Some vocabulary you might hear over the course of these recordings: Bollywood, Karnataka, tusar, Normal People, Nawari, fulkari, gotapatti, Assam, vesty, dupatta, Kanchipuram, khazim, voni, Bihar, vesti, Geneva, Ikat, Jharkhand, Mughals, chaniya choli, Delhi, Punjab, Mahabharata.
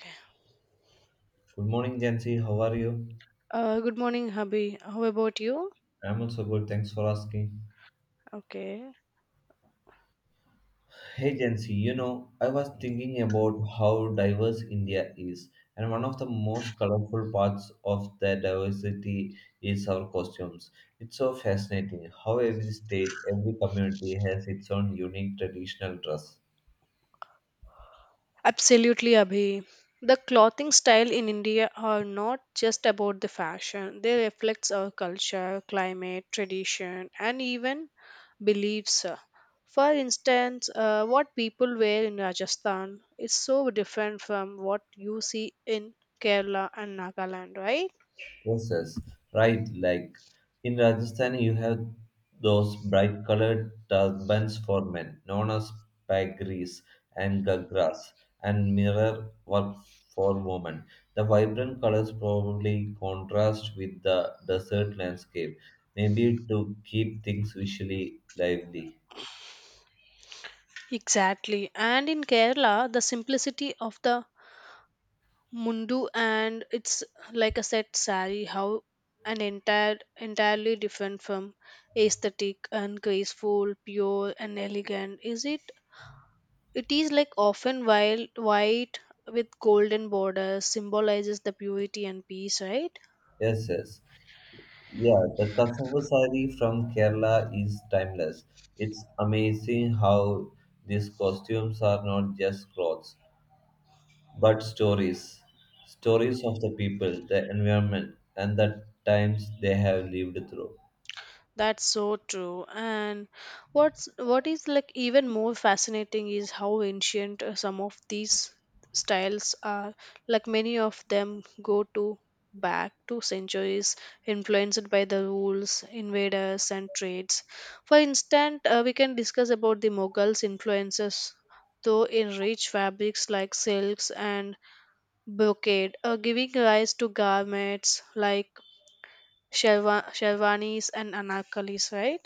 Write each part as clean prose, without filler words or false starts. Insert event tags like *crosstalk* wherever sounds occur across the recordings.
Okay. Good morning, Jancy. How are you? Good morning, Abhi. How about you? I'm also good. Thanks for asking. Okay. Hey, Jancy, you know, I was thinking about how diverse India is, and one of the most colorful parts of that diversity is our costumes. It's so fascinating how every state, every community has its own unique traditional dress. Absolutely, Abhi. The clothing style in India are not just about the fashion. They reflects our culture, climate, tradition, and even beliefs. For instance, what people wear in Rajasthan is so different from what you see in Kerala and Nagaland, right? Roses, right? Like in Rajasthan, you have those bright colored turbans for men, known as pagris and gagras, and mirror work for women. The vibrant colors probably contrast with the desert landscape, maybe to keep things visually lively. Exactly. And in Kerala, the simplicity of the Mundu and it's like a set sari how an entire entirely different from aesthetic and graceful, pure and elegant. Is it is like often wild white with golden borders symbolizes the purity and peace, right? Yes, yes. Yeah, the cassava sari from Kerala is timeless. It's amazing how these costumes are not just clothes, but stories. Stories of the people, the environment, and the times they have lived through. That's so true. And what is like even more fascinating is how ancient some of these styles are. Like many of them go to back to centuries influenced by the rules, invaders and trades. For instance, we can discuss about the Mughals influences though in rich fabrics like silks and brocade, giving rise to garments like sherwanis and anarkalis, right?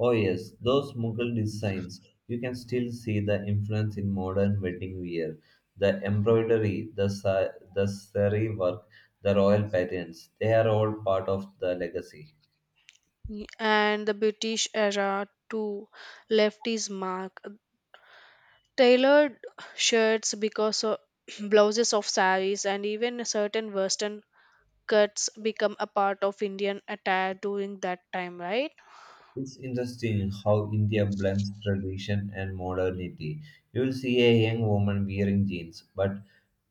Oh, yes, those Mughal designs. You can still see the influence in modern wedding wear. The embroidery, the sari work, the royal patterns, they are all part of the legacy. And the British era too left his mark. Tailored shirts because of *clears throat* blouses of saris and even certain western cuts become a part of Indian attire during that time, right? It's interesting how India blends tradition and modernity. You'll see a young woman wearing jeans, but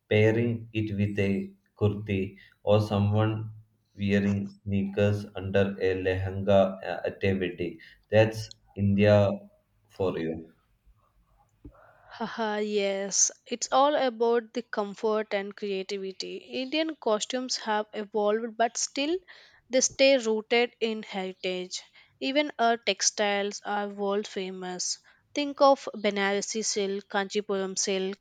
pairing it with a kurti, or someone wearing sneakers under a lehenga at a wedding. That's India for you. Haha, yes, it's all about the comfort and creativity. Indian costumes have evolved, but still they stay rooted in heritage. Even our textiles are world famous. Think of Banarasi silk, Kanchipuram silk,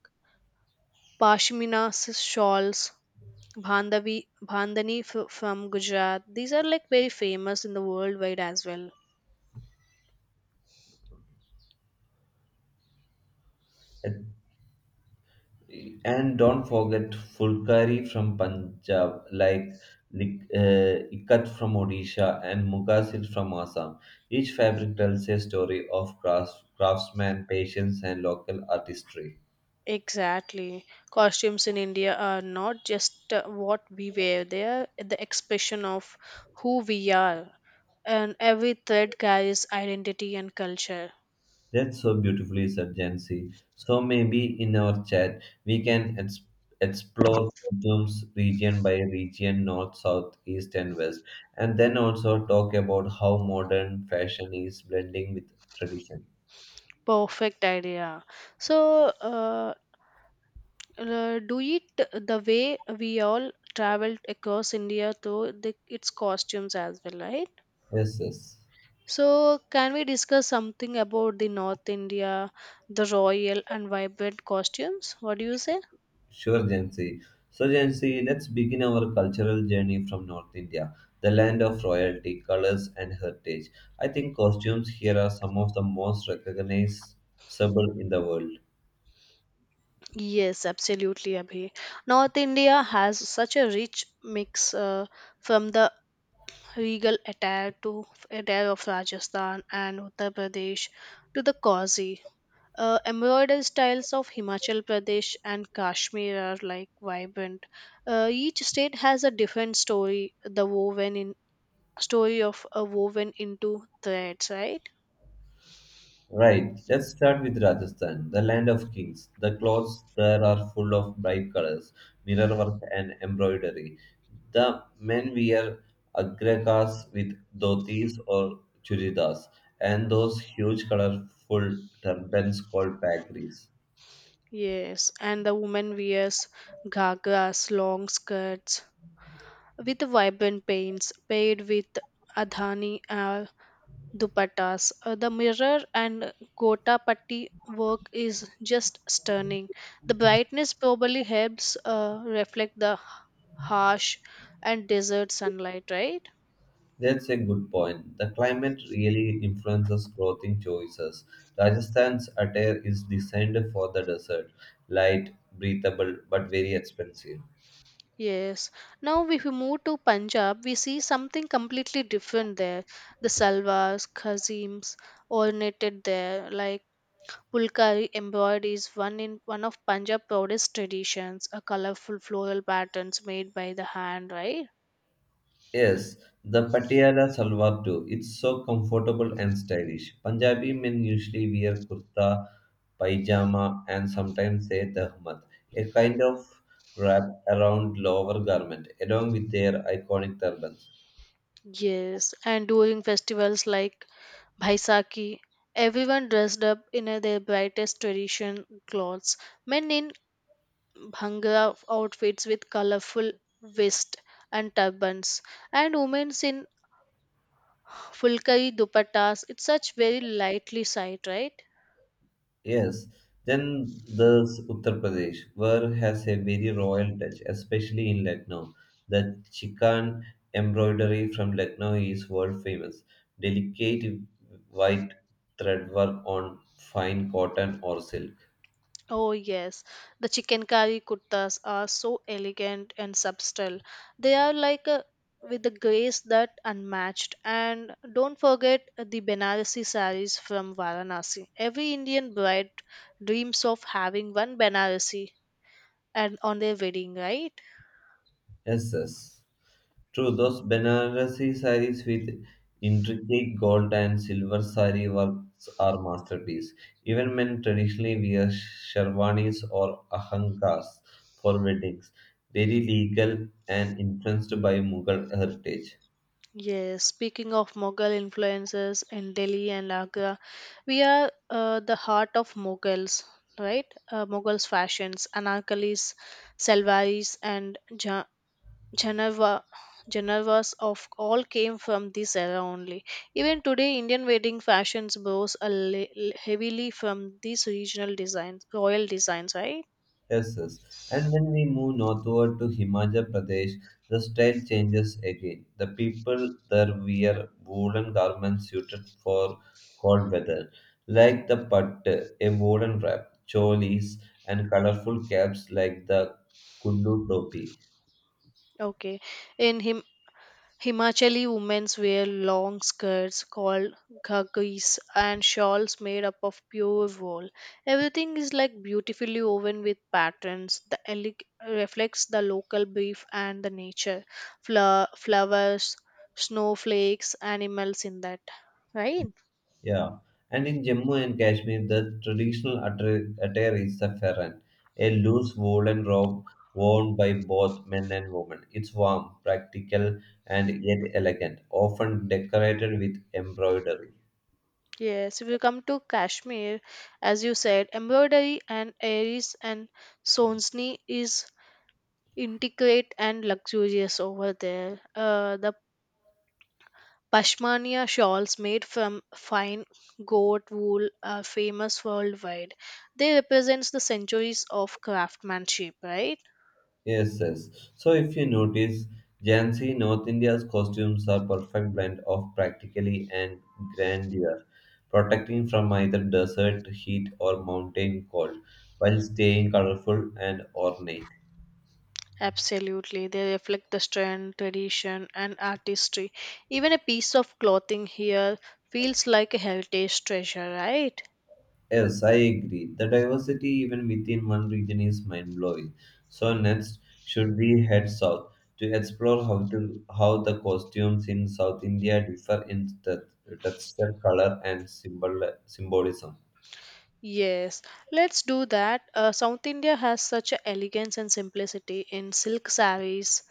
Shawls, Bhandavi, Bhandani from Gujarat. These are like very famous in the worldwide as well. And don't forget Fulkari from Punjab, like Ikat from Odisha and Muga silk from Assam. Each fabric tells a story of crafts, craftsman, patience, and local artistry. Exactly. Costumes in India are not just what we wear, they are the expression of who we are. And every thread carries identity and culture. That's so beautifully said, Jansi. So maybe in our chat we can explore Kurtum's region by region, north, south, east, and west, and then also talk about how modern fashion is blending with tradition. Perfect idea. So, do it the way we all traveled across India through the, its costumes as well, right? Yes, yes. So, can we discuss something about the North India, the royal and vibrant costumes? What do you say? Sure, Jansi. So, Jansi, let's begin our cultural journey from North India, the land of royalty, colors, and heritage. I think costumes here are some of the most recognizable in the world. Yes, absolutely, Abhi. North India has such a rich mix from the regal attire to attire of Rajasthan and Uttar Pradesh to the cozy. Embroidered styles of Himachal Pradesh and Kashmir are like vibrant. Each state has a different story, the woven in story of a woven into threads, right? Right, let's start with Rajasthan, the land of kings. The clothes there are full of bright colors, mirror work, and embroidery. The men wear agrakas with dhotis or churidas and those huge colorful turbans called pagris. Yes, and the woman wears ghagras, long skirts, with vibrant paints paired with adhani dupattas. The mirror and gotapatti work is just stunning. The brightness probably helps reflect the harsh and desert sunlight, right? That's a good point. The climate really influences clothing choices. Rajasthan's attire is designed for the desert, light, breathable, but very expensive. Yes. Now, if we move to Punjab, we see something completely different there. The salwars, khazims, ornated there, like Pulkari embroidery is one of Punjab proudest traditions, a colorful floral patterns made by the hand, right? Yes, the Patiala Salwar too. It's so comfortable and stylish. Punjabi men usually wear kurta, pajama and sometimes a dahmat, a kind of wrap around lower garment, along with their iconic turbans. Yes, and during festivals like Baisakhi, everyone dressed up in their brightest tradition clothes. Men in bhangra outfits with colorful vests and turbans, and women in fulkari dupattas. It's such very lightly sight, right? Yes, then there's Uttar Pradesh, where has a very royal touch, especially in Lucknow. The chikan embroidery from Lucknow is world famous. Delicate white thread work on fine cotton or silk. Oh, yes. The chicken curry kurtas are so elegant and subtle. They are like a, with a grace that unmatched. And don't forget the Benarasi saris from Varanasi. Every Indian bride dreams of having one Benarasi and on their wedding, right? Yes, yes. True, those Banarasi saris with intricate gold and silver sari works are masterpiece. Even men traditionally wear sherwanis or ahankas for weddings, very legal and influenced by Mughal heritage. Yes, speaking of Mughal influences in Delhi and Agra, we are the heart of Mughals, right? Mughals fashions, anarkalis, salwaris, and Ja-, Geneva, Genevas of all came from this era only. Even today, Indian wedding fashions borrows heavily from these regional designs, royal designs, right? Yes, yes. And when we move northward to Himachal Pradesh, the style changes again. The people there wear woolen garments suited for cold weather, like the pattu, a woolen wrap, cholis, and colorful caps like the kullu topi. Okay. In Himachali women wear long skirts called ghagis and shawls made up of pure wool. Everything is like beautifully woven with patterns. The reflects the local beef and the nature, flowers, snowflakes, animals in that. Right? Yeah, and in Jammu and Kashmir, the traditional attire is the farran, a loose woolen robe worn by both men and women. It's warm, practical, and yet elegant, often decorated with embroidery. Yes. If you come to Kashmir, as you said, embroidery and aries and sonsni is intricate and luxurious over there. The Pashmina shawls made from fine goat wool are famous worldwide. They represent the centuries of craftsmanship, right? Yes, yes. So if you notice, Jansi North India's costumes are perfect blend of practically and grandeur, protecting from either desert heat or mountain cold, while staying colorful and ornate. Absolutely. They reflect the strength, tradition, and artistry. Even a piece of clothing here feels like a heritage treasure, right? Yes, I agree. The diversity even within one region is mind-blowing. So next, should we head south to explore how the costumes in South India differ in texture, color, and symbolism? Yes, let's do that. South India has such a elegance and simplicity in silk sarees,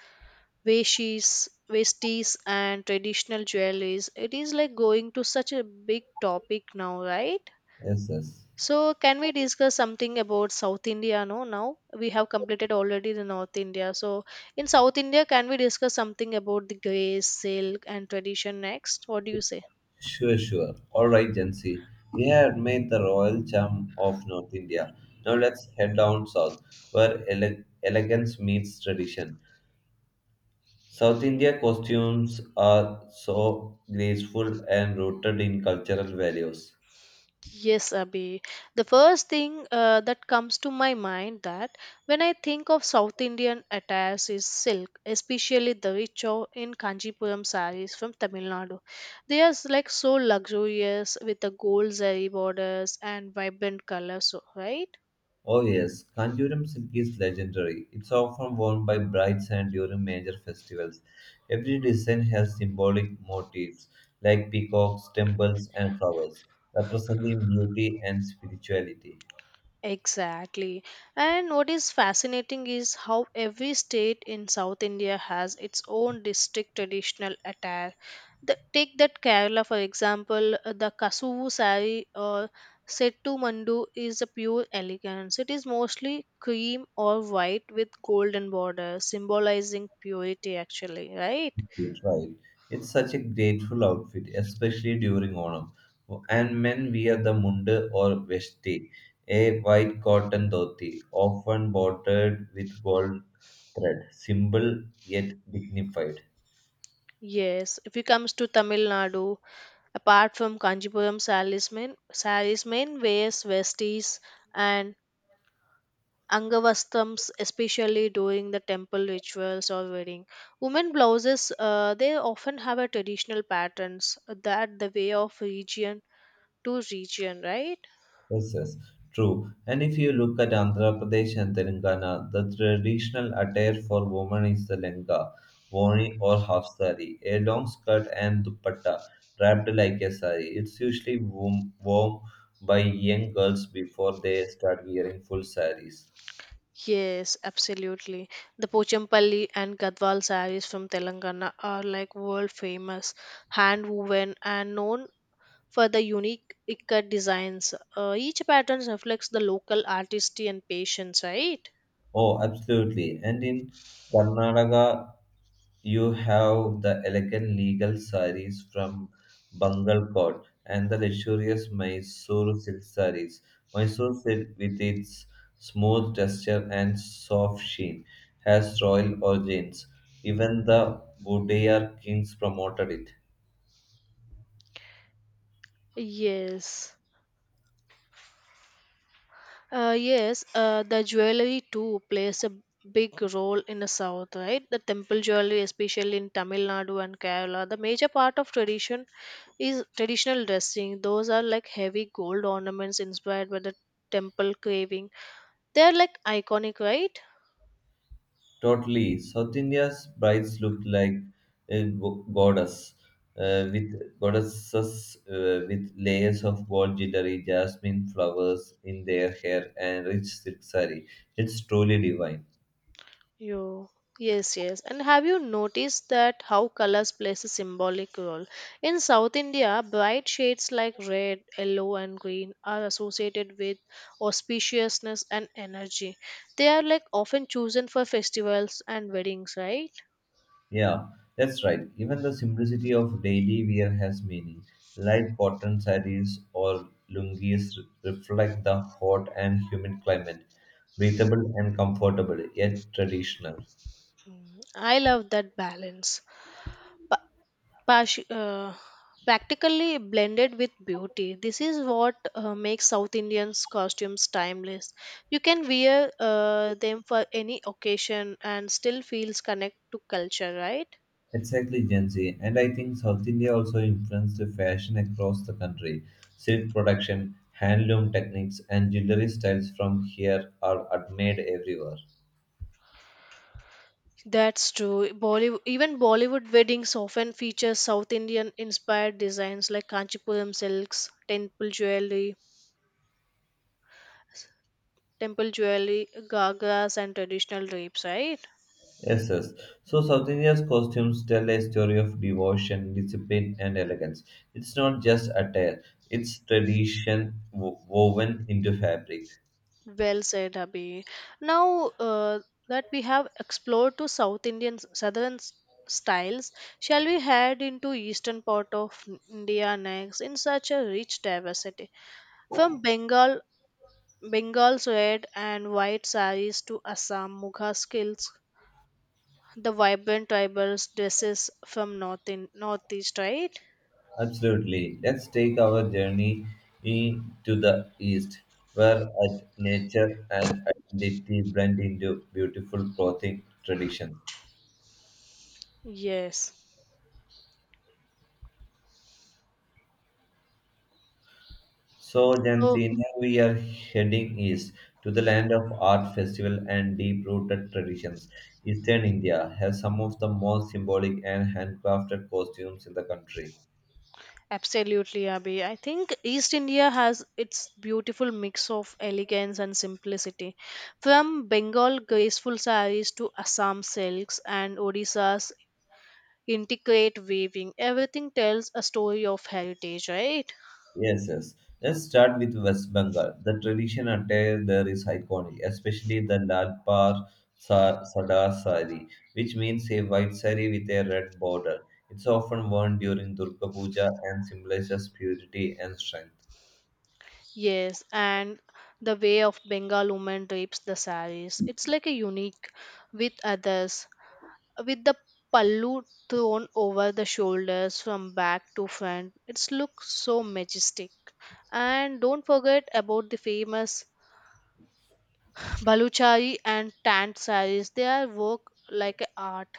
veshies, vesties and traditional jewelries. It is like going to such a big topic now, right? Yes, yes. So can we discuss something about South India? No, now we have completed already the North India. So in South India, can we discuss something about the grace, silk, and tradition next? What do you say? Sure, sure. All right, Jansi. We have made the royal charm of North India. Now let's head down south, where elegance meets tradition. South India costumes are so graceful and rooted in cultural values. Yes, Abhi. The first thing that comes to my mind that when I think of South Indian attires is silk, especially the rich in Kanjipuram sarees from Tamil Nadu. They are like so luxurious with the gold zari borders and vibrant colors, so, right? Oh yes, Kanjuram silk is legendary. It's often worn by brides and during major festivals. Every design has symbolic motifs like peacocks, temples, and flowers, representing beauty and spirituality. Exactly. And what is fascinating is how every state in South India has its own distinct traditional attire. The, take that Kerala, for example, the Kasuvu sari or Settu Mandu is a pure elegance. It is mostly cream or white with golden border, symbolizing purity, actually, right? Yes, right. It's such a grateful outfit, especially during Onam. And men wear the munda or vesti, a white cotton dhoti, often bordered with gold thread, simple yet dignified. Yes, if it comes to Tamil Nadu, apart from Kanjipuram saris, men wears vesties and Angavastams, especially during the temple rituals or wedding. Women blouses, they often have a traditional patterns that the way of region to region, right? Yes, yes, true. And if you look at Andhra Pradesh and Telangana, the traditional attire for women is the lenga, voni or half sari, a long skirt and dupatta wrapped like a sari. It's usually warm, worn by young girls before they start wearing full saris. Yes, absolutely. The Pochampalli and Gadwal sarees from Telangana are like world famous, hand woven and known for the unique ikat designs. Each pattern reflects the local artistry and patience, right? Oh, absolutely. And in Karnataka, you have the elegant legal saris from Bangalore and the luxurious Mysore silk saris. Mysore silk, with its smooth texture and soft sheen, has royal origins. Even the Budayar kings promoted it. Yes. Yes, the jewelry too plays a big role in the south, right? The temple jewelry, especially in Tamil Nadu and Kerala, the major part of tradition is traditional dressing. Those are like heavy gold ornaments inspired by the temple carving. They are like iconic, right? Totally. South India's brides look like goddess, with goddesses with layers of gold jewelry, jasmine flowers in their hair, and rich silk saree. It's truly divine. You yes, yes. And have you noticed that how colors plays a symbolic role? In South India, bright shades like red, yellow, and green are associated with auspiciousness and energy. They are like often chosen for festivals and weddings, right? Yeah, that's right. Even the simplicity of daily wear has meaning. Light cotton sarees or lungis reflect the hot and humid climate, breathable and comfortable, yet traditional. Mm, I love that balance. Pash- uh, Practically blended with beauty. This is what makes South Indians' costumes timeless. You can wear them for any occasion and still feels connect to culture, right? Exactly, Gen Z. And I think South India also influenced the fashion across the country. Silk production, handloom techniques, and jewelry styles from here are admired everywhere. That's true. Bollywood, even Bollywood weddings often feature South Indian inspired designs like Kanchipuram silks, temple jewelry, gagras, and traditional drapes, right? Yes, yes. So South India's costumes tell a story of devotion, discipline, and elegance. It's not just attire; it's tradition woven into fabric. Well said, Abhi. Now that we have explored to South Indian southern styles, shall we head into eastern part of India next in such a rich diversity? From Bengal, Bengal's red and white saris to Assam Mugha skills, the vibrant tribal dresses from north in northeast, right? Absolutely. Let's take our journey to the east, where art, nature, and identity blend into beautiful clothing tradition. Yes. So, Oh. Jensina, we are heading east to the land of art festival and deep-rooted traditions. Eastern India has some of the most symbolic and handcrafted costumes in the country. Absolutely, Abhi. I think East India has its beautiful mix of elegance and simplicity. From Bengal graceful saris to Assam silks and Odisha's intricate weaving, everything tells a story of heritage, right? Yes, yes. Let's start with West Bengal. The tradition attire there is iconic, especially the Lal Par Sada Sari, which means a white sari with a red border. It's often worn during Durga Puja and symbolizes purity and strength. Yes, and the way of Bengal woman drapes the saris. It's like a unique with others. With the pallu thrown over the shoulders from back to front, it's looks so majestic. And don't forget about the famous *laughs* Baluchari and Tant saris. They are work like a art.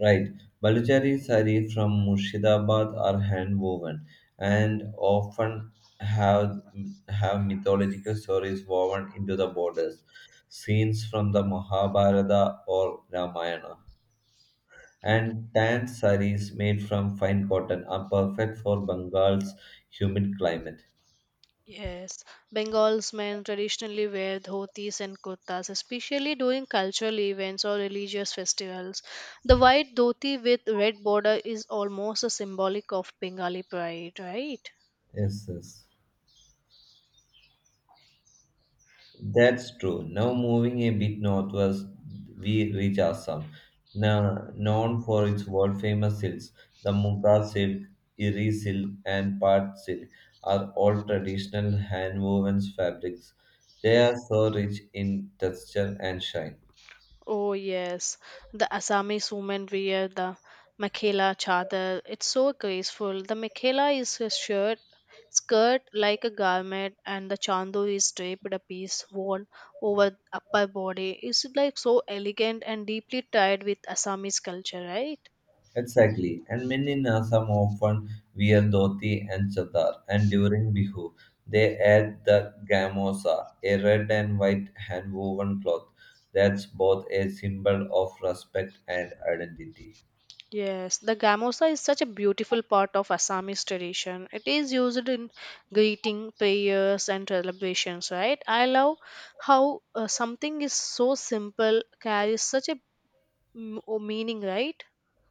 Right. Baluchari sari from Murshidabad are hand woven and often have have mythological stories woven into the borders, scenes from the Mahabharata or Ramayana. And tan saris made from fine cotton are perfect for Bengal's humid climate. Yes, Bengal's men traditionally wear dhotis and kurtas, especially during cultural events or religious festivals. The white dhoti with red border is almost a symbolic of Bengali pride, right? Yes, yes. That's true. Now moving a bit northwards, we reach Assam, now known for its world-famous silks. The Muga silk, Iri silk, and Pat silk are all traditional hand-woven fabrics. They are so rich in texture and shine. Oh yes, the Assamese women wear the Makhela chador. It's so graceful. The Makhela is a skirt like a garment, and the chandu is draped a piece worn over upper body. It's like so elegant and deeply tied with Assamese culture, right? Exactly, and many in Assam often wear dhoti and chadar, and during Bihu, they add the gamosa, a red and white hand woven cloth that's both a symbol of respect and identity. Yes, the gamosa is such a beautiful part of Assamese tradition. It is used in greeting, prayers, and celebrations, right? I love how something is so simple, carries such a meaning, right?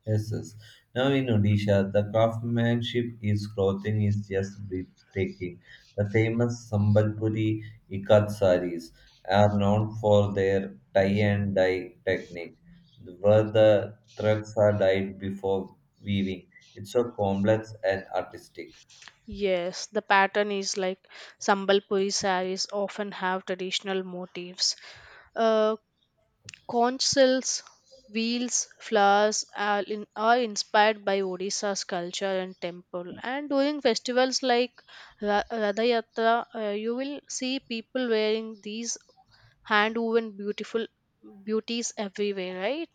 Yes, yes. Now in Odisha, the craftsmanship is clothing is just breathtaking. The famous Sambalpuri ikat saris are known for their tie and dye technique, where the threads are dyed before weaving. It's so complex and artistic. Yes, the pattern is like Sambalpuri sarees often have traditional motifs. Uh, Conch shells, wheels, flowers are inspired by Odisha's culture and temple. And during festivals like Radha Yatra, you will see people wearing these hand woven beautiful beauties everywhere, right?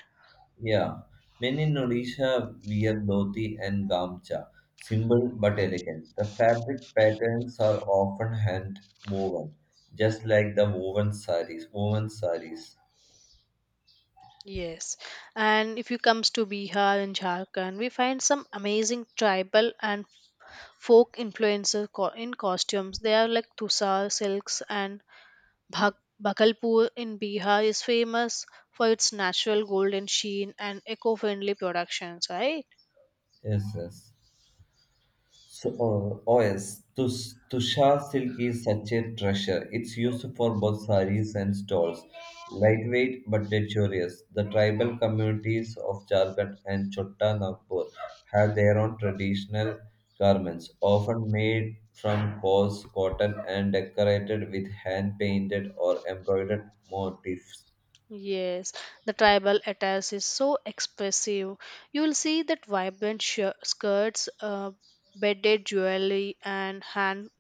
Yeah, when in Odisha wear dhoti and gamcha, simple but elegant. The fabric patterns are often hand woven, just like the woven saris. Woven saris. Yes. And if you comes to Bihar and Jharkhand, we find some amazing tribal and folk influencer in costumes. They are like tusar silks and Bhakalpur in Bihar is famous for its natural golden sheen and eco-friendly productions, right? Yes, yes. So, oh yes, Tushar silk is such a treasure. It's used for both saris and stalls. Lightweight but luxurious. The tribal communities of Jharkhand and Chotta Nagpur have their own traditional garments, often made from coarse cotton and decorated with hand painted or embroidered motifs. Yes, the tribal attire is so expressive. You will see that vibrant skirts, beaded jewelry, and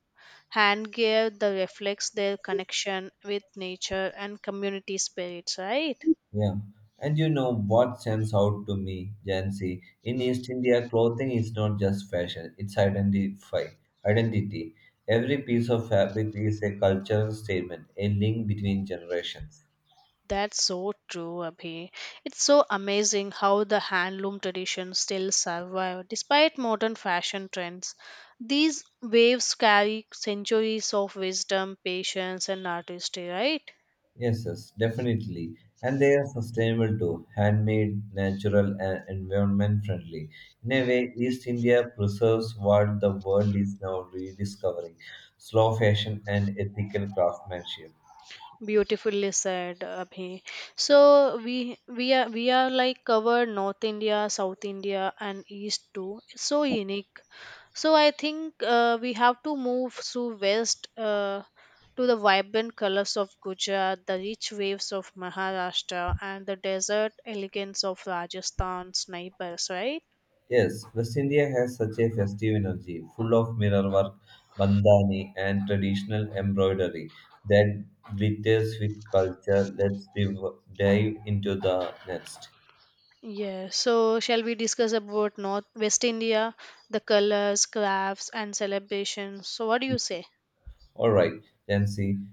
handgear that reflects their connection with nature and community spirits, right? Yeah. And you know what stands out to me, Jancy? In East India, clothing is not just fashion, it's identify identity. Every piece of fabric is a cultural statement, a link between generations. That's so true, Abhi. It's so amazing how the handloom tradition still survive despite modern fashion trends. These waves carry centuries of wisdom, patience, and artistry, right? Yes, yes, definitely. And they are sustainable too, handmade, natural, and environment friendly. In a way, East India preserves what the world is now rediscovering slow fashion and ethical craftsmanship. Beautifully said, Abhi. So we are like cover North India, South India, and East too. It's so unique. So I think we have to move to West to the vibrant colors of Gujarat, the rich waves of Maharashtra, and the desert elegance of Rajasthan's neighbors. Right? Yes, West India has such a festive energy, full of mirror work, bandhani, and traditional embroidery that glitters with culture. Let's dive into the next. Yeah. So shall we discuss about North West India, the colors, crafts, and celebrations? So what do you say? All right, then see.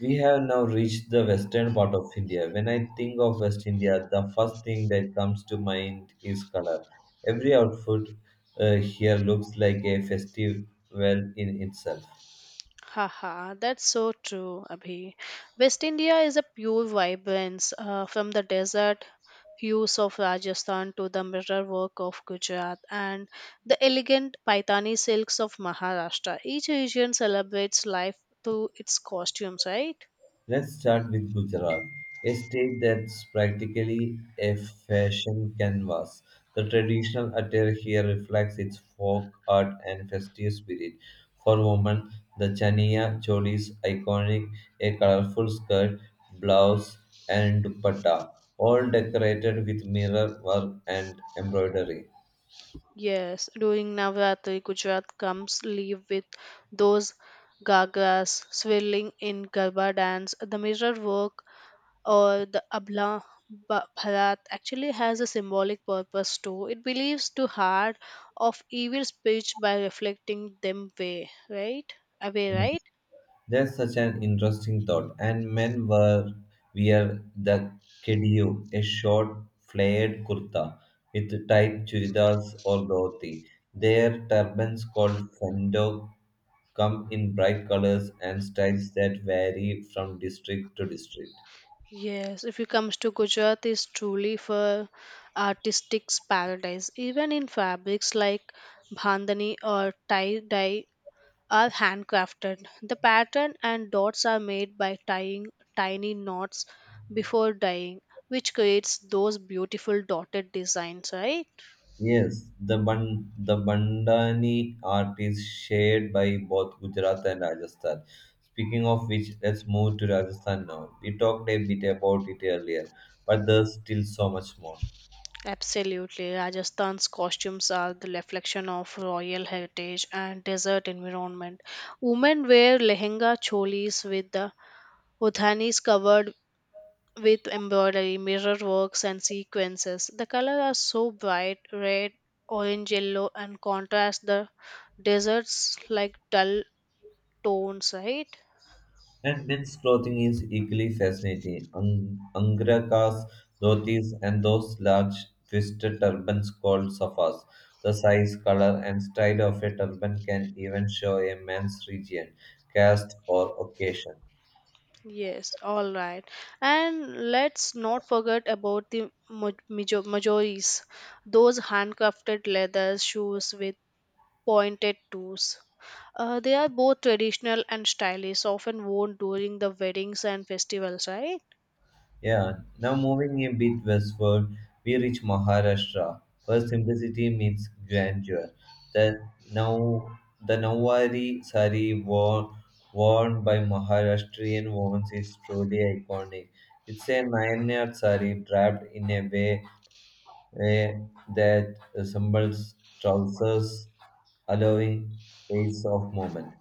We have now reached the western part of India. When I think of West India, the first thing that comes to mind is color. Every outfit here looks like a festival in itself. Haha, that's so true, Abhi. West India is a pure vibrance, from the desert hues of Rajasthan to the mirror work of Gujarat and the elegant Paitani silks of Maharashtra. Each region celebrates life through its costumes, right? Let's start with Gujarat, a state that's practically a fashion canvas. The traditional attire here reflects its folk art and festive spirit. For women, the chaniya choli is iconic, a colorful skirt, blouse, and dupatta, all decorated with mirror work and embroidery. Yes, during Navratri, Gujarat comes live with those gagas swirling in Garba dance, the mirror work or the Abla Bharat actually has a symbolic purpose too. It believes to heart of evil speech by reflecting them way, right? Away, right? That's such an interesting thought. And men were wear the kediyu, a short flared kurta with tight churidars or dhoti. Their turbans called fendo come in bright colors and styles that vary from district to district. Yes, if it comes to Gujarat, is truly for artistic's paradise. Even in fabrics like bandhani or tie dye, are handcrafted. The pattern and dots are made by tying tiny knots before dyeing, which creates those beautiful dotted designs, right? Yes, the Bandhani art is shared by both Gujarat and Rajasthan. Speaking of which, let's move to Rajasthan now. We talked a bit about it earlier, but there's still so much more. Absolutely. Rajasthan's costumes are the reflection of royal heritage and desert environment. Women wear lehenga cholis with the udhanis covered with embroidery, mirror works, and sequences. The colors are so bright red, orange, yellow, and contrast the deserts like dull tones, right? And men's clothing is equally fascinating. Ang angrakas, dhotis, and those large twisted turbans called safas. The size, color, and style of a turban can even show a man's region, caste, or occasion. Yes, all right. And let's not forget about the majoris, those handcrafted leather shoes with pointed toes. They are both traditional and stylish, often worn during the weddings and festivals, right? Yeah, now moving a bit westward, we reach Maharashtra, where simplicity meets grandeur. The now the Nawari sari worn by Maharashtrian women is truly iconic. It's a nine-yard sari wrapped in a way eh, that resembles trousers, allowing space of movement.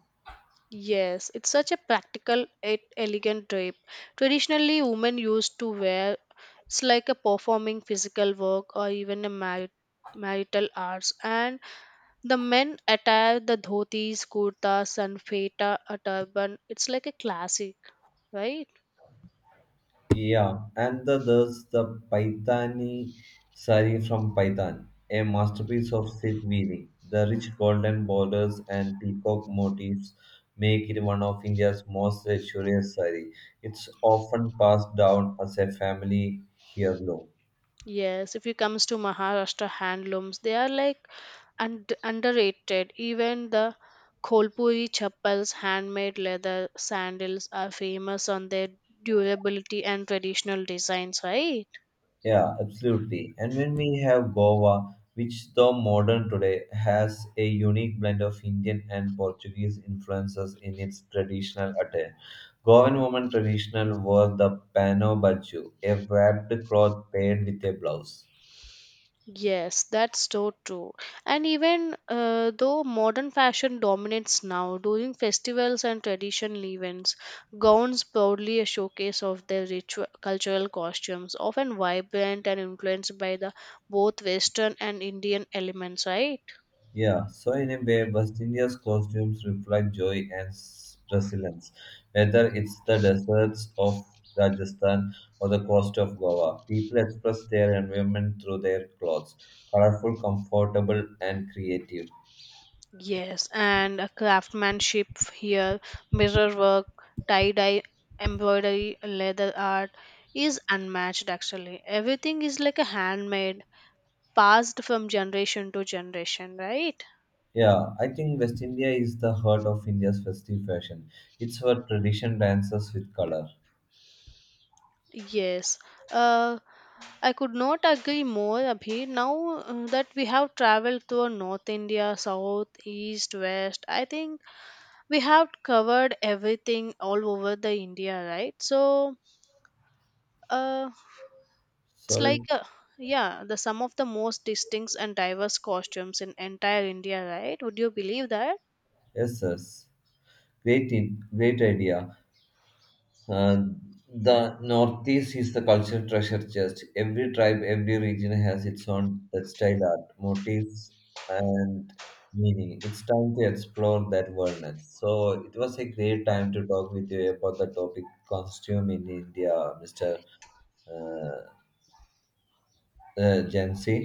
Yes, it's such a practical yet elegant drape. Traditionally, women used to wear it's like a performing physical work or even a marital arts, and the men attire the dhotis, kurtas, and feta, a turban. It's like a classic, right? Yeah, and the, there's the Paithani sari from Python, a masterpiece of silk weaving. The rich golden borders and peacock motifs make it one of India's most luxurious sari. It's often passed down as a family heirloom. Yes, if it comes to Maharashtra handlooms, they are like and underrated. Even the Kolpuri chappals, handmade leather sandals, are famous on their durability and traditional designs, right? Yeah, absolutely. And when we have Goa, which though modern today has a unique blend of Indian and Portuguese influences in its traditional attire. Goan women traditional wore the pano baju, a wrapped cloth paired with a blouse. Yes, that's so true. And even though modern fashion dominates now, during festivals and traditional events, gowns proudly a showcase of their ritual cultural costumes, often vibrant and influenced by the both Western and Indian elements, right? Yeah, so in a way, West India's costumes reflect joy and resilience. Whether it's the deserts of Rajasthan or the coast of Goa, people express their environment through their clothes, colorful, comfortable, and creative. Yes, and a craftsmanship here, mirror work, tie dye, embroidery, leather art is unmatched actually. Everything is like a handmade, passed from generation to generation, right? Yeah, I think West India is the heart of India's festive fashion. It's where tradition dances with color. Yes. Uh, I could not agree more, Abhi. Now that we have traveled through North India, South, East, West, I think we have covered everything all over the India, right? So, uh, it's Sorry, like a yeah, the some of the most distinct and diverse costumes in entire India, right? Would you believe that? yes, yes. Great, in, great idea. Uh, the Northeast is the cultural treasure chest. Every tribe, every region has its own textile art, motifs, and meaning. It's time to explore that wildness. So it was a great time to talk with you about the topic costume in India, Mr. Uh, Jansi.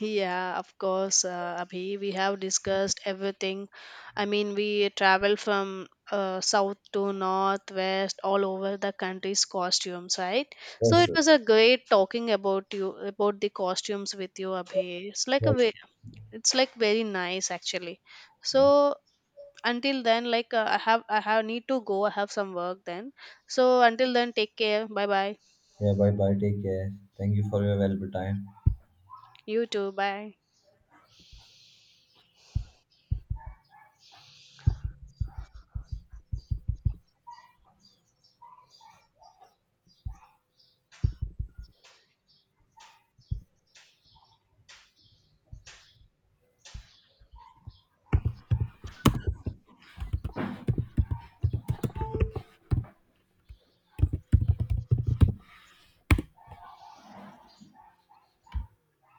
Yeah, of course, Abhi. We have discussed everything. I mean, we travel from south to north, west, all over the country's costumes, right? So Yes, it was yes. a great talking about you about the costumes with you, Abhi. It's like a it's like very nice actually. Yes. So until then like I have need to go. I have some work then, so until then take care. Bye bye. Yeah, bye bye. Take care. Thank you for your valuable time. You too. Bye.